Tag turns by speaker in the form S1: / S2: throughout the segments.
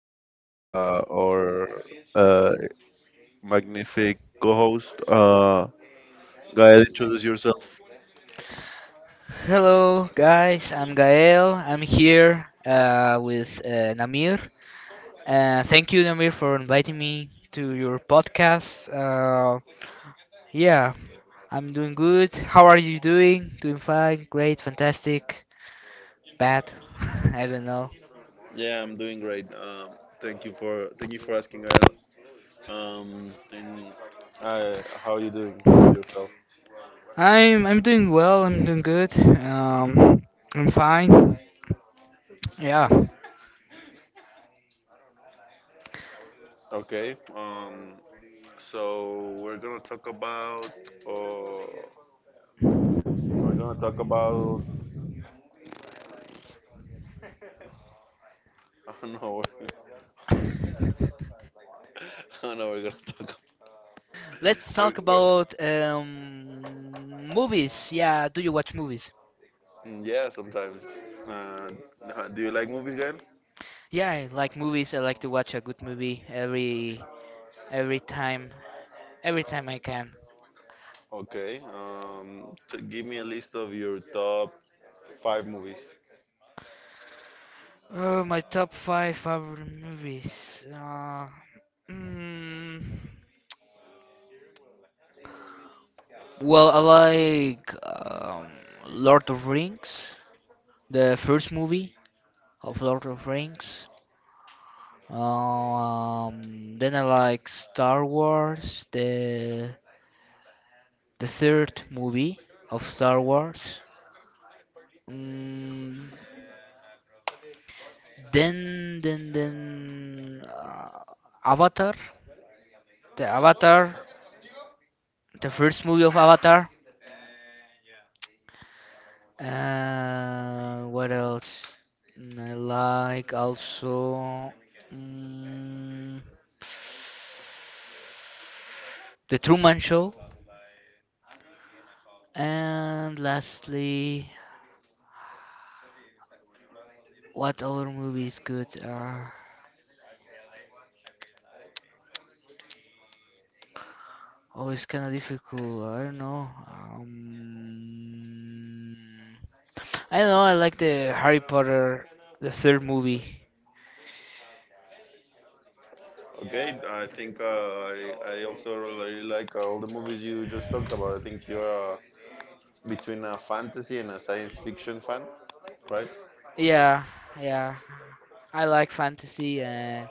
S1: Gael, our uh, magnific co-host. Gael, introduce yourself.
S2: Hello, guys. I'm Gael. I'm here with Namir. Thank you, Namir, for inviting me to your podcast. Yeah, I'm doing good. How are you doing? Doing fine, great, fantastic, bad. I don't know.
S1: Yeah, I'm doing great. Thank you for asking, Gael. And How are you doing yourself?
S2: I'm doing well. I'm doing good. Um, I'm fine. Yeah.
S1: Okay. So we're gonna talk about uh, we're gonna talk about I don't know. I don't know. We're gonna talk.
S2: Let's
S1: We're,
S2: talk
S1: we're,
S2: about movies. Yeah, do you watch movies?
S1: Yeah, sometimes. Uh, do you like movies, Gael?
S2: Yeah, I like movies. I like to watch a good movie every time every time I can.
S1: Okay. Give me a list of your top five movies.
S2: Oh, my top five favorite movies. Mm, well, I like Lord of Rings, the first movie of Lord of Rings. Then I like Star Wars, the third movie of Star Wars. Mm, Then, then, then, uh, Avatar, Avatar, the first movie of Avatar. What else? I like also mm, the Truman Show. And lastly, what other movies good are? Oh, it's kind of difficult. I don't know. I like the Harry Potter, the third movie.
S1: Okay. I think I also really like all the movies you just talked about. I think you're between a fantasy and a science fiction fan, right?
S2: Yeah, yeah. I like fantasy,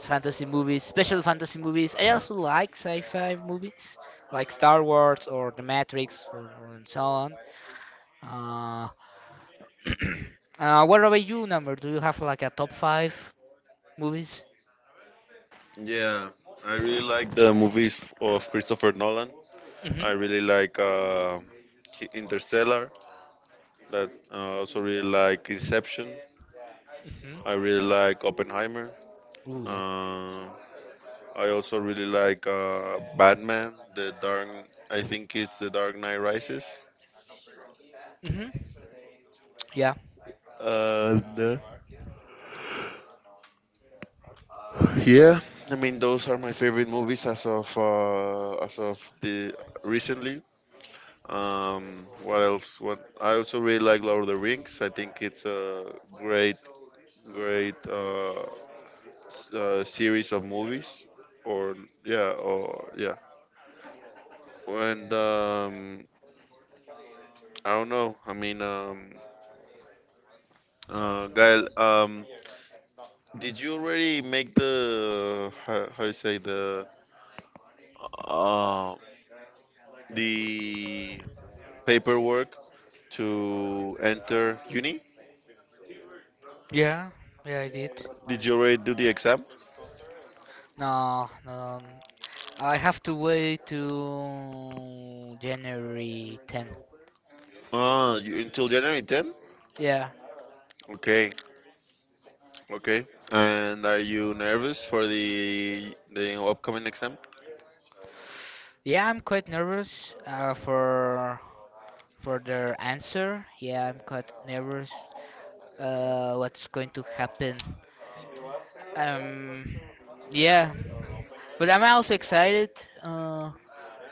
S2: fantasy movies, special fantasy movies. I also like sci-fi movies, like Star Wars or The Matrix, or and so on. Uh, what about you, number? Do you have like a top five movies?
S1: Yeah, I really like the movies of Christopher Nolan. I
S2: Mhm.
S1: really like Interstellar. That also really like Inception.
S2: Mhm.
S1: I really like Oppenheimer.
S2: Ooh, yeah.
S1: Uh, I also really like Batman. I think it's The Dark Knight Rises.
S2: Mhm. Yeah.
S1: And yeah, I mean those are my favorite movies as of the recently. What else? What I also really like Lord of the Rings. I think it's a great series of movies. Or yeah, or yeah. And I don't know. I mean, Gael, did you already make the how you say uh, the paperwork to enter uni?
S2: Yeah. Yeah, I did.
S1: Did you already do the exam?
S2: No, no, I have to wait to January 10th.
S1: Ah, you, until January 10?
S2: Yeah.
S1: Okay, okay. And are you nervous for the upcoming exam?
S2: Yeah, I'm quite nervous for their answer. Yeah, I'm quite nervous what's going to happen. Um yeah. But I'm also excited uh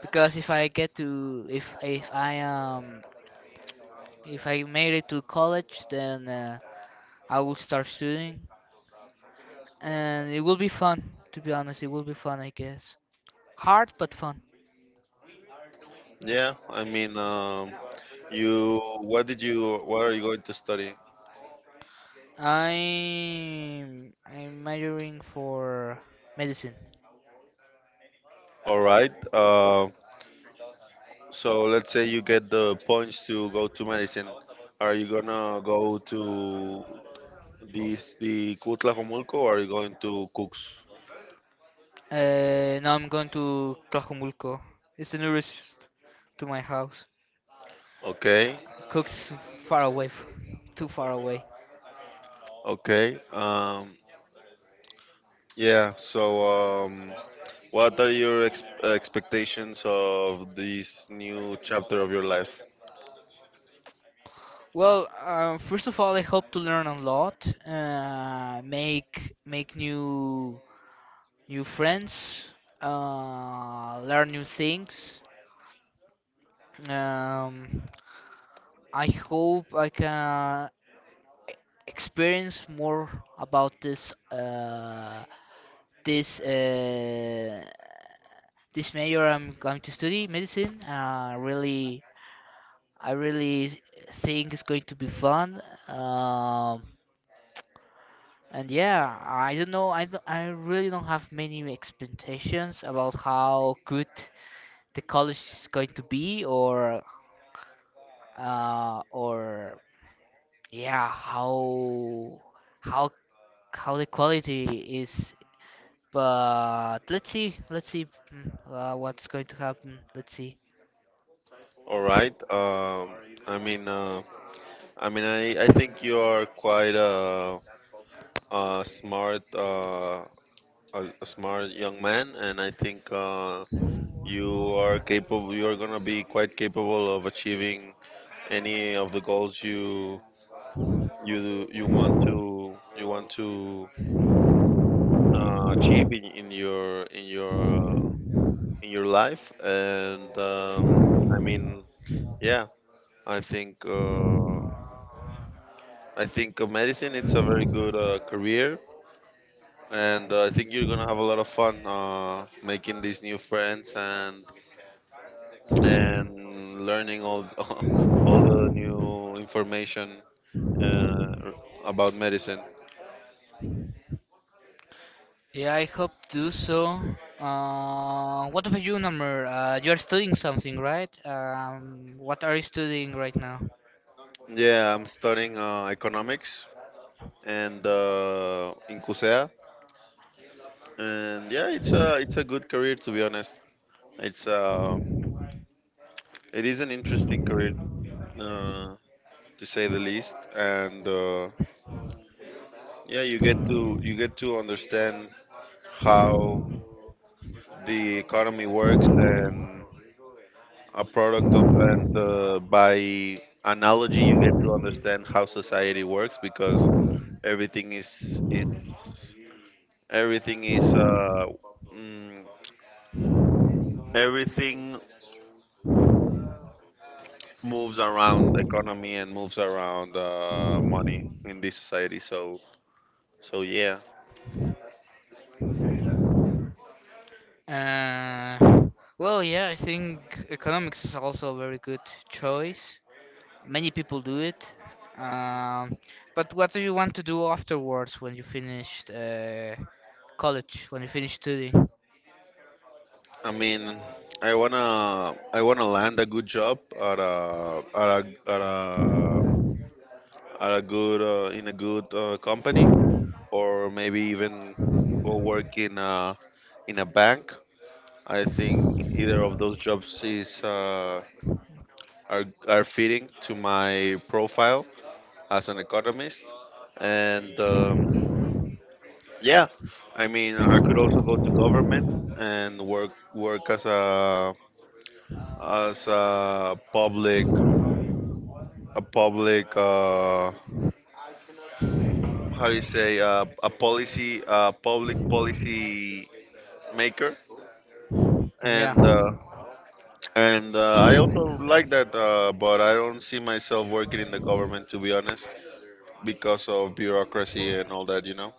S2: because if if I made it to college, then I will start studying, and it will be fun. To be honest, it will be fun, I guess. Hard but fun.
S1: Yeah, I mean, you what are you going to study?
S2: I'm majoring for medicine.
S1: All right. So let's say you get the points to go to medicine. Are you gonna go to this the Cutlahomulco or are you going to Cooks?
S2: Now I'm going to Tlajumulco. It's the nearest to my house.
S1: Okay,
S2: Cook's far away, too far away.
S1: okay. Yeah. So um, what are your expectations of this new chapter of your life?
S2: Well, first of all, I hope to learn a lot, make new new friends, learn new things. Um, I hope I can experience more about this uh, this major. I'm going to study medicine. I really think it's going to be fun. Um, and yeah, I don't know. I really don't have many expectations about how good the college is going to be, or yeah, how how the quality is. But let's see, let's see what's going to happen. Let's see.
S1: All right. I mean, uh, I mean, I think you are a smart a smart young man, and I think. You are capable you are gonna be quite capable of achieving any of the goals you want to achieve in your in your in your life and I mean yeah I think uh, I think medicine it's a very good career and I think you're gonna have a lot of fun making these new friends and learning all all the new information uh, about medicine.
S2: Yeah, I hope to do so. What about you, Namur? You are studying something, right? What are you studying right now?
S1: Yeah, I'm studying economics and in CUSEA, and yeah, it's a good career to be honest. It's it is an interesting career uh, to say the least, and yeah, you get to understand how the economy works and a product of and by analogy you get to understand how society works because everything is Everything is mm, everything moves around the economy and moves around money in this society. So yeah,
S2: Uh, yeah, I think economics is also a very good choice. Many people do it. Um, but what do you want to do afterwards when you finished college, when you finish studying?
S1: I mean, I wanna land a good job at at a good in a good company or maybe even go work in a bank. I think either of those jobs is are fitting to my profile as an economist. And yeah, I mean, I could also go to government and work as a public how do you say a public policy maker
S2: Yeah.
S1: and uh, and I also like that, but I don't see myself working in the government to be honest, because of bureaucracy and all that, you know.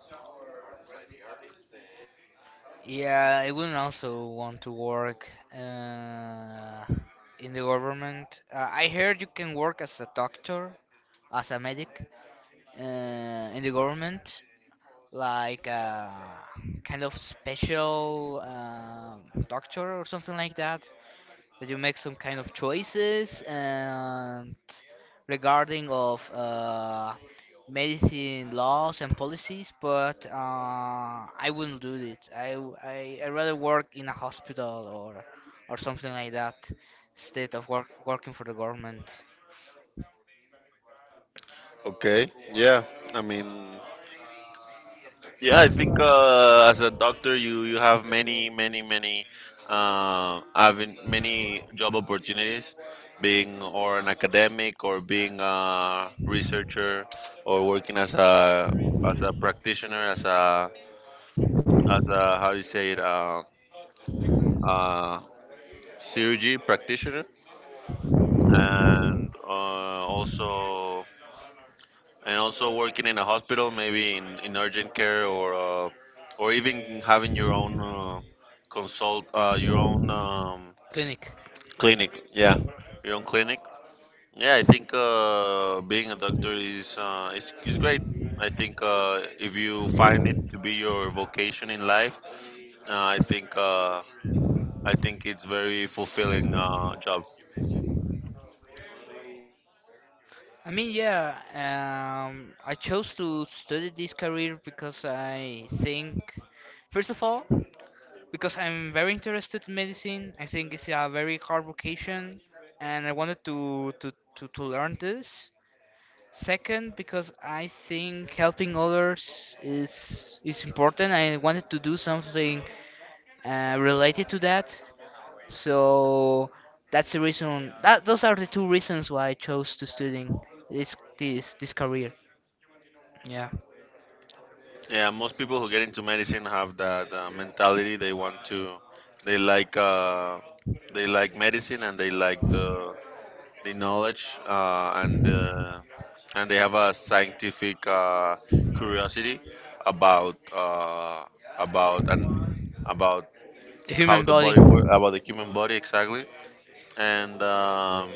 S2: Yeah, I wouldn't also want to work in the government. I heard you can work as a doctor, as a medic in the government, like a kind of special doctor or something like that that you make some kind of choices and regarding of medicine laws and policies, but I wouldn't do it I rather work in a hospital or something like that instead of working for the government.
S1: Okay, yeah. I mean, yeah, I think as a doctor, you have many, having many job opportunities, being or an academic or being a researcher or working as a practitioner, as a how do you say it, uh, surgery practitioner, and also working in a hospital, maybe in urgent care or even having your own your own
S2: Clinic.
S1: clinic. Yeah, your own clinic. Yeah, I think being a doctor is great. I think if you find it to be your vocation in life, uh, I think uh, I think it's very fulfilling job.
S2: Yeah. I chose to study this career because I think, first of all, because I'm very interested in medicine. I think it's a very hard vocation, and I wanted to to learn this. Second, because I think helping others is important. I wanted to do something related to that, so that's the reason. That Those are the two reasons why I chose to studying this career. Yeah,
S1: Yeah, most people who get into medicine have that mentality. They want to, they like, uh, they like medicine and they like the knowledge and they have a scientific curiosity about uh, about and about
S2: the
S1: how
S2: human
S1: the
S2: body.
S1: body works about the human body exactly. And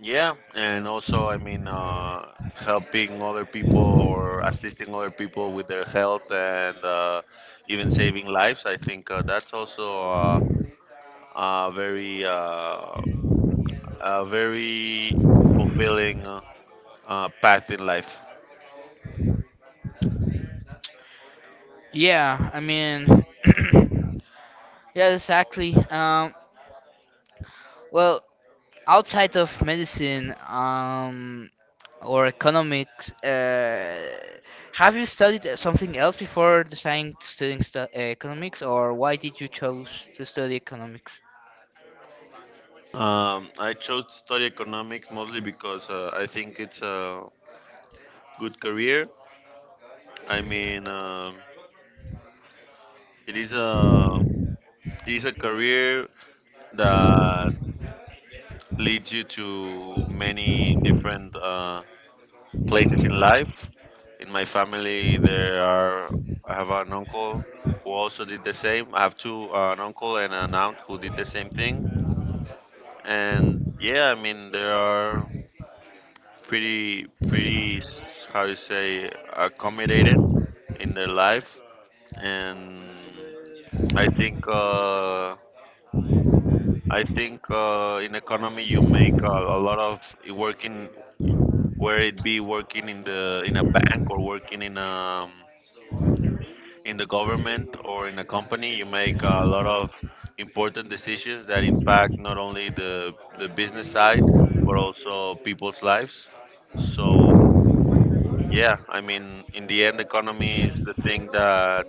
S1: yeah, and also, I mean, helping other people or assisting other people with their health and even saving lives. I think that's also a very, uh, a very fulfilling path in life.
S2: Yeah, I mean, yeah, exactly. Well, outside of medicine, or economics, have you studied something else before deciding to studying economics, or why did you choose to study economics?
S1: I chose to study economics mostly because I think it's a good career. I mean, it is a it is a career that leads you to many different places in life. In my family, there are I have an uncle who also did the same. I have two an uncle and an aunt who did the same thing. And yeah, I mean they are pretty how you say accommodated in their life. And I think uh, I think in economy you make a lot of working whether it be working in a bank or working in the government or in a company you make a lot of important decisions that impact not only the business side but also people's lives so yeah I mean in the end economy is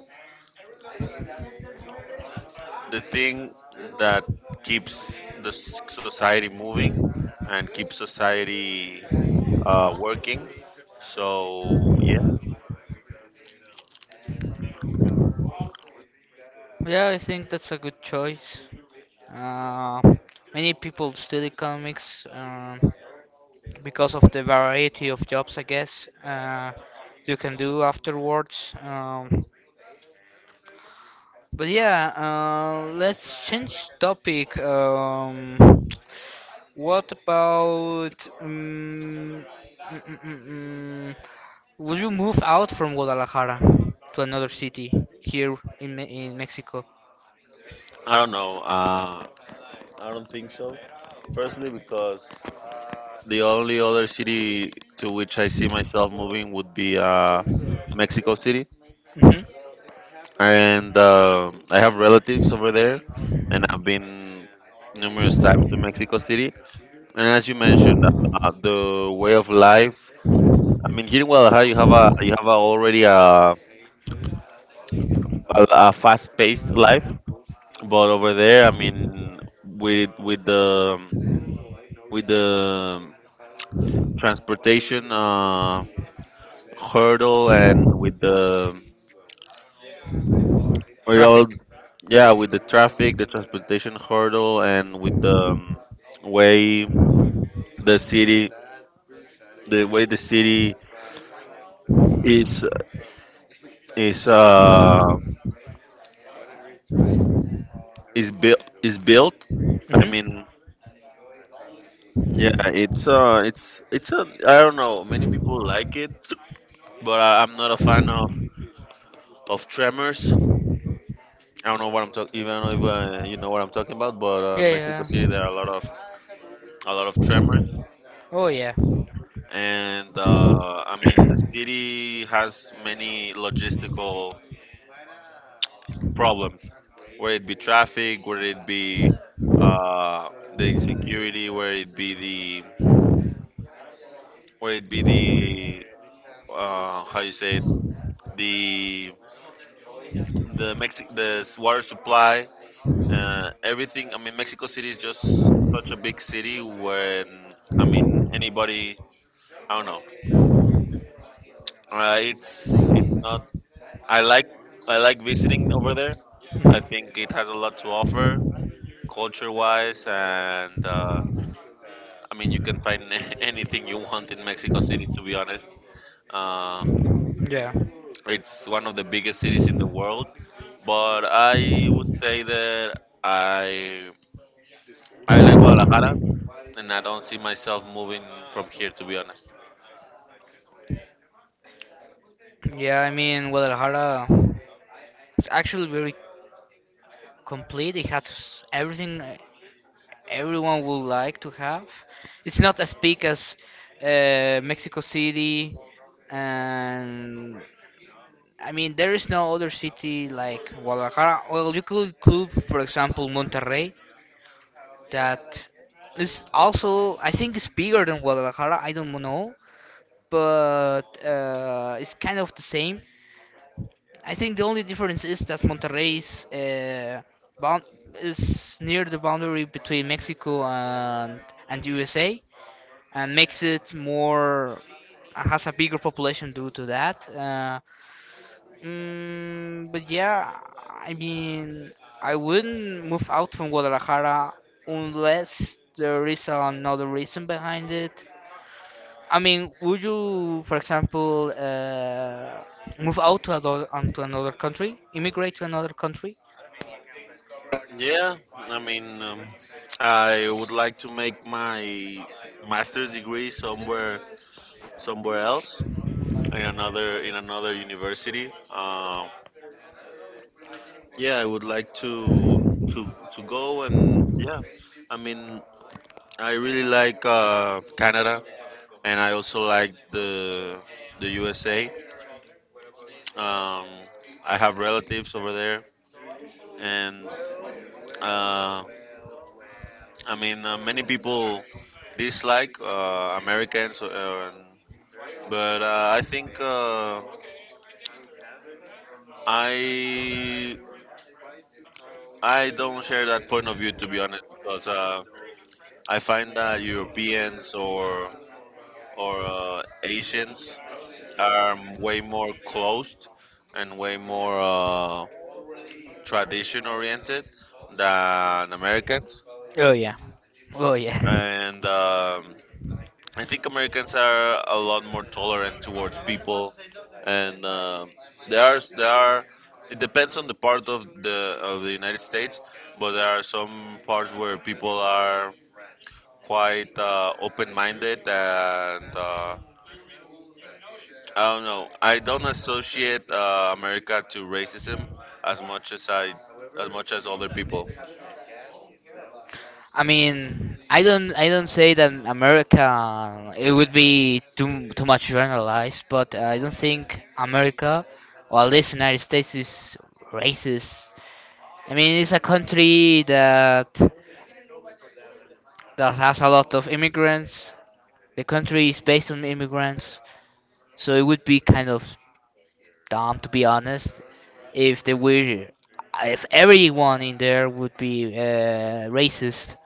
S1: the thing that keeps society moving and keeps society working so yeah.
S2: Yeah, I think that's a good choice. Uh, many people study economics, because of the variety of jobs, I guess, you can do afterwards. But yeah, let's change topic. What about um, mm, mm, mm, mm, Would you move out from Guadalajara to another city here in Me in Mexico?
S1: I don't know. I don't think so. Firstly, because the only other city to which I see myself moving would be Mexico City,
S2: Hmm.
S1: and I have relatives over there, and I've been numerous times to Mexico City. And as you mentioned, the way of life. I mean, here in Guadalajara, you have a already a fast-paced life, but over there, I mean, with the transportation. Hurdle and with the with all
S2: Traffic.
S1: yeah with the traffic the transportation hurdle and with the way the city the way the city is is uh is built I
S2: Hmm.
S1: mean yeah it's a I don't know many people like it but I'm not a fan of tremors. I don't know what I'm talking even if you know what I'm talking about, but Mexico
S2: Yeah,
S1: City there are
S2: yeah.
S1: a lot of tremors.
S2: Oh yeah.
S1: And I mean the city has many logistical problems, whether it be traffic, whether it be uh, the insecurity, whether it be the whether it be the how you say it, the the water supply, everything. I mean Mexico City is just such a big city when I mean anybody. I don't know. It's not I like I like visiting over there. I think it has a lot to offer, culture-wise, and I mean you can find anything you want in Mexico City. To be honest, uh,
S2: Yeah.
S1: it's one of the biggest cities in the world. But I would say that I I like Guadalajara, and I don't see myself moving from here. To be honest.
S2: Yeah, I mean, Guadalajara is actually very complete. It has everything everyone would like to have. It's not as big as Mexico City, and I mean, there is no other city like Guadalajara. Well, you could include, for example, Monterrey, that is also, I think, it's bigger than Guadalajara. I don't know, but it's kind of the same. I think the only difference is that Monterrey is, bound is near the boundary between Mexico and USA, and makes it more has a bigger population due to that. But yeah, I mean, I wouldn't move out from Guadalajara unless there is another reason behind it. I mean, would you, for example, move out to another country, immigrate to another country?
S1: Yeah, I mean, I would like to make my master's degree somewhere else in another university. Yeah, I would like to go and yeah, I mean I really like Canada and I also like the USA. Um, I have relatives over there, and uh, I mean many people dislike Americans, and, but I think I I don't share that point of view to be honest, because I find that Europeans or Asians are way more closed and way more tradition oriented than Americans,
S2: Oh yeah, oh yeah.
S1: and I think Americans are a lot more tolerant towards people, and there are there are. It depends on the part of the United States, but there are some parts where people are quite open-minded, and I don't know. I don't associate America to racism as much as I, as much as other people.
S2: I mean, I don't say that America. It would be too much generalized, but I don't think America, or at least United States, is racist. I mean, it's a country that that has a lot of immigrants. The country is based on immigrants, so it would be kind of dumb, to be honest, if they were, if everyone in there would be racist.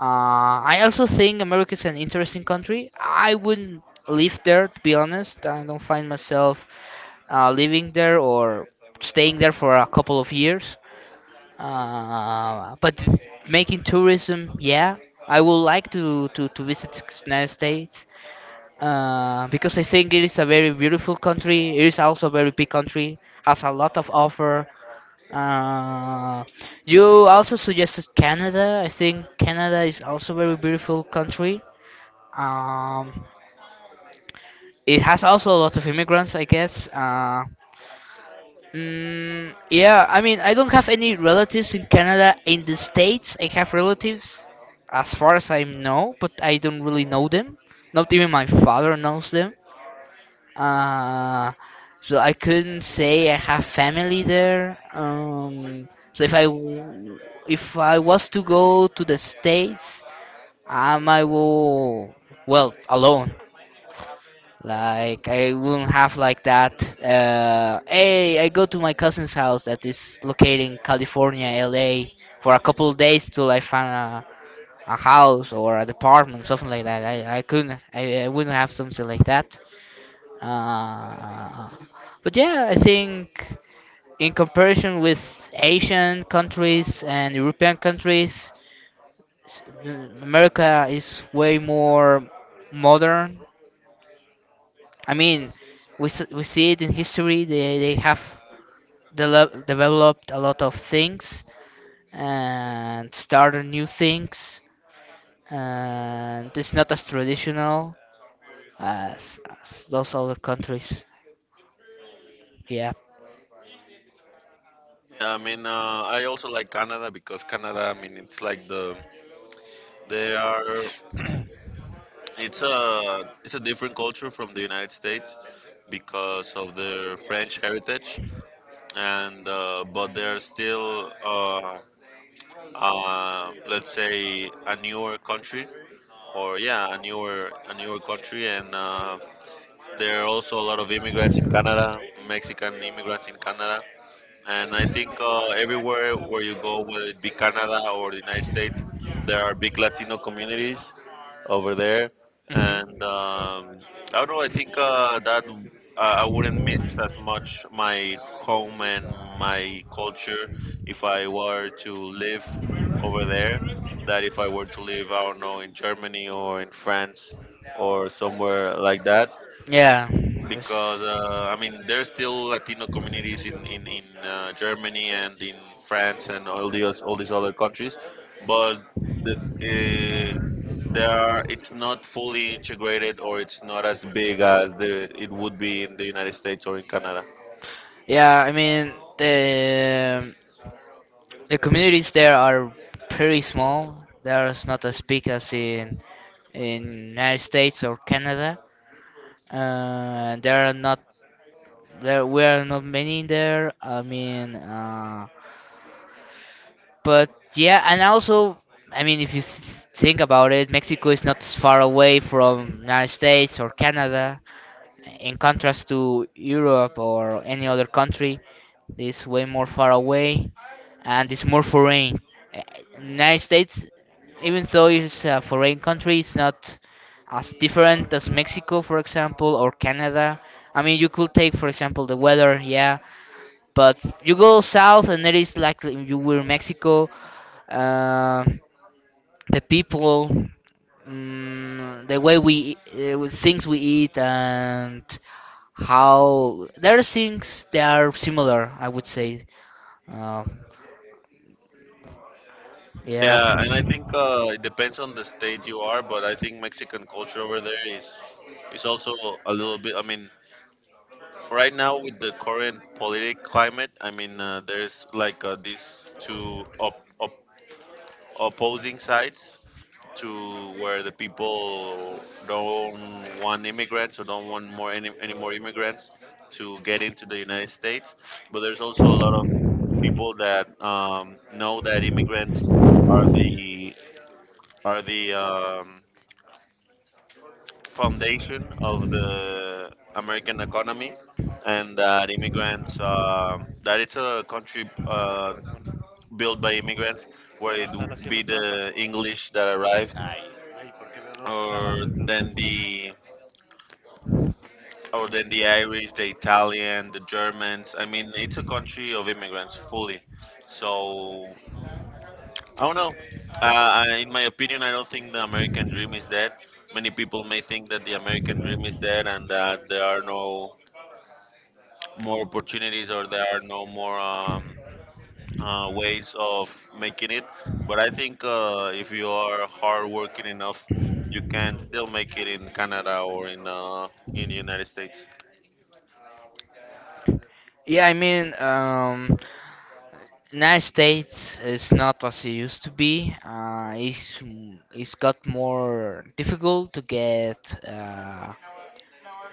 S2: I also think America is an interesting country. I wouldn't live there, to be honest. I don't find myself living there or staying there for a couple of years. But making tourism, yeah, I would like to visit the United States because I think it is a very beautiful country. It is also a very big country, has a lot of offer, uh, you also suggested Canada. I think Canada is also a very beautiful country. Um, it has also a lot of immigrants, I guess. Yeah, I mean, I don't have any relatives in Canada. In the States, I have relatives, as far as I know, but I don't really know them. Not even my father knows them. Uh, so I couldn't say I have family there. If I was to go to the States, I will well alone. Like I wouldn't have like that. Hey, I go to my cousin's house that is located in California, LA, for a couple of days till I find a house or an apartment, something like that. I couldn't, I wouldn't have something like that. Uh, but yeah, I think, in comparison with Asian countries and European countries, s- America is way more modern. I mean, we see it in history. They have developed a lot of things and started new things, and it's not as traditional as those other countries. Yeah.
S1: Yeah, I mean, I also like Canada because Canada, I mean, it's like the they are it's a different culture from the United States because of their French heritage, and but they're still let's say a newer country or yeah, a newer country, and there are also a lot of immigrants in Canada, Mexican immigrants in Canada, and I think everywhere where you go, whether it be Canada or the United States, there are big Latino communities over there. And I don't know. I think that I wouldn't miss as much my home and my culture if I were to live over there. That if I were to live, I don't know, in Germany or in France or somewhere like that
S2: Yeah.
S1: because
S2: it's-
S1: I mean there's still Latino communities in Germany and in France and all these other countries, but the uh, there are it's not fully integrated or it's not as big as the it would be in the United States or in Canada.
S2: Yeah, I mean, the communities there are pretty small. They are not as big as in United States or Canada. Uh, there are not there were not many in there. I mean, but yeah, and also, I mean, if you think about it, Mexico is not as far away from United States or Canada, in contrast to Europe or any other country. It's way more far away, and it's more foreign. Uh, United States, even though it's a foreign country, it's not as different as Mexico, for example, or Canada. I mean, you could take, for example, the weather. Yeah, but you go south, and it is like you were in Mexico. Uh, the people, the way we with things we eat, and how there are things that are similar. I would say, uh, yeah.
S1: Yeah, and I think it depends on the state you are, but I think Mexican culture over there is also a little bit. I mean, right now with the current politic climate, I mean, there's like these two opposing sides to where the people don't want immigrants or don't want any more immigrants to get into the United States. But there's also a lot of people that know that immigrants are the are the foundation of the American economy, and that immigrants that it's a country built by immigrants, where it would be the English that arrived, or then the then the Irish, the Italian, the Germans. I mean, it's a country of immigrants fully. So I don't know. In my opinion, I don't think the American dream is dead. Many people may think that the American dream is dead and that there are no more opportunities or there are no more ways of making it. But I think if you are hardworking enough, you can still make it in Canada or in the United States.
S2: Yeah, I mean, United States is not as it used to be. It's got more difficult to get uh,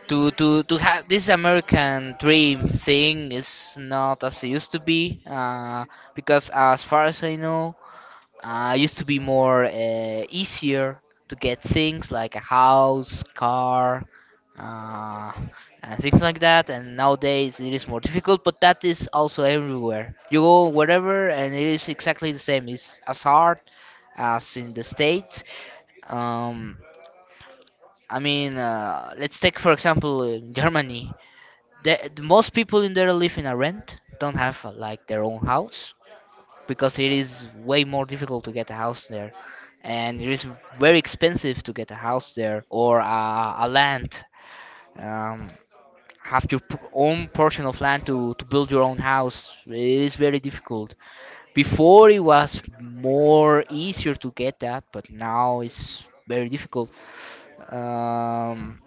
S2: to to to have this American dream thing is not as it used to be. Because as far as I know, used to be more easier to get things like a house, car, uh, and things like that. And nowadays it is more difficult, but that is also everywhere. You go wherever, and it is exactly the same. It's as hard as in the states. Um, I mean, let's take for example in Germany. The most people in there live in a rent, don't have like their own house, because it is way more difficult to get a house there, and it is very expensive to get a house there, or a land, um, have your own portion of land to build your own house. It is very difficult. Before it was more easier to get that, but now it's very difficult. um,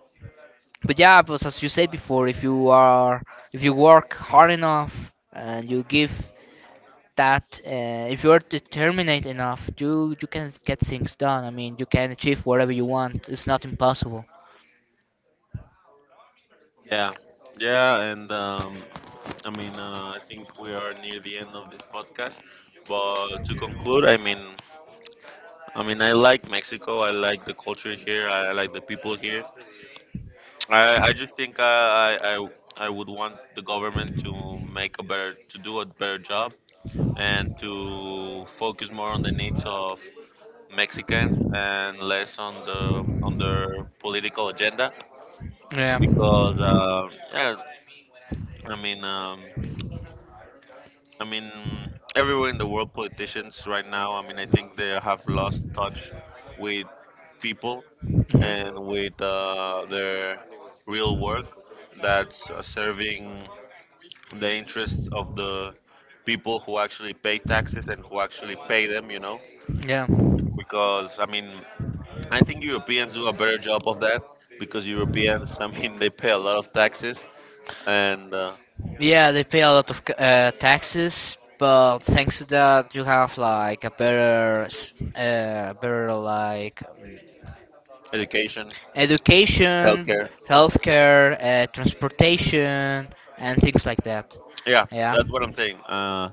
S2: but yeah, but as you said before, if you are if you work hard enough and you give that if you're determined enough, you can get things done. I mean, you can achieve whatever you want. It's not impossible.
S1: Yeah, yeah, and I mean, I think we are near the end of this podcast. But to conclude, I mean, I like Mexico. I like the culture here. I like the people here. I just think I would want the government to do a better job and to focus more on the needs of Mexicans and less on their political agenda
S2: Yeah.
S1: because yeah, I mean um, I mean, everywhere in the world politicians right now, I mean, I think they have lost touch with people and with their real work, that's serving the interests of the people who actually pay taxes and who actually pay them, you know?
S2: Mhm. Yeah.
S1: Because, I mean, I think Europeans do a better job of that because Europeans, I mean, they pay a lot of taxes and
S2: Yeah, they pay a lot of taxes, but thanks to that, you have like a better, better like
S1: education,
S2: education,
S1: healthcare.
S2: healthcare, transportation, and things like that.
S1: Yeah,
S2: Yeah.
S1: that's what I'm saying.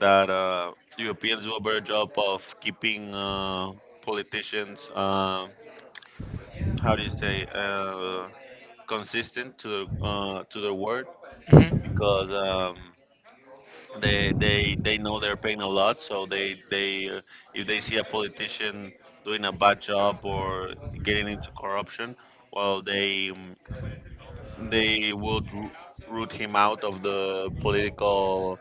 S1: That Europeans do a better job of keeping politicians, how do you say, consistent to, to their word
S2: Mhm.
S1: because. They know they're paying a lot, so they if they see a politician doing a bad job or getting into corruption, well, they mm, they would ru- root him out of the political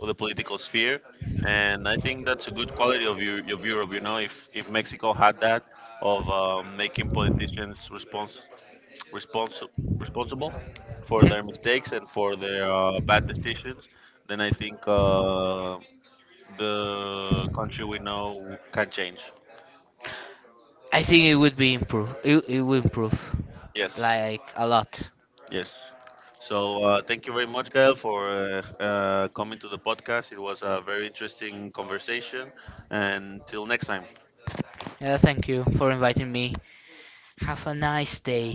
S1: sphere, and I
S2: Mhm.
S1: think that's a good quality of, of Europe, you know? If Mexico had that of making politicians respons- responsible for their mistakes and for their bad decisions, then I think the country we know can change.
S2: I think it would be improve. It would improve,
S1: Yes,
S2: like a lot.
S1: yes. So thank you very much, Gael, for coming to the podcast. It was a very interesting conversation. And till next time.
S2: Yeah, thank you for inviting me. Have a nice day.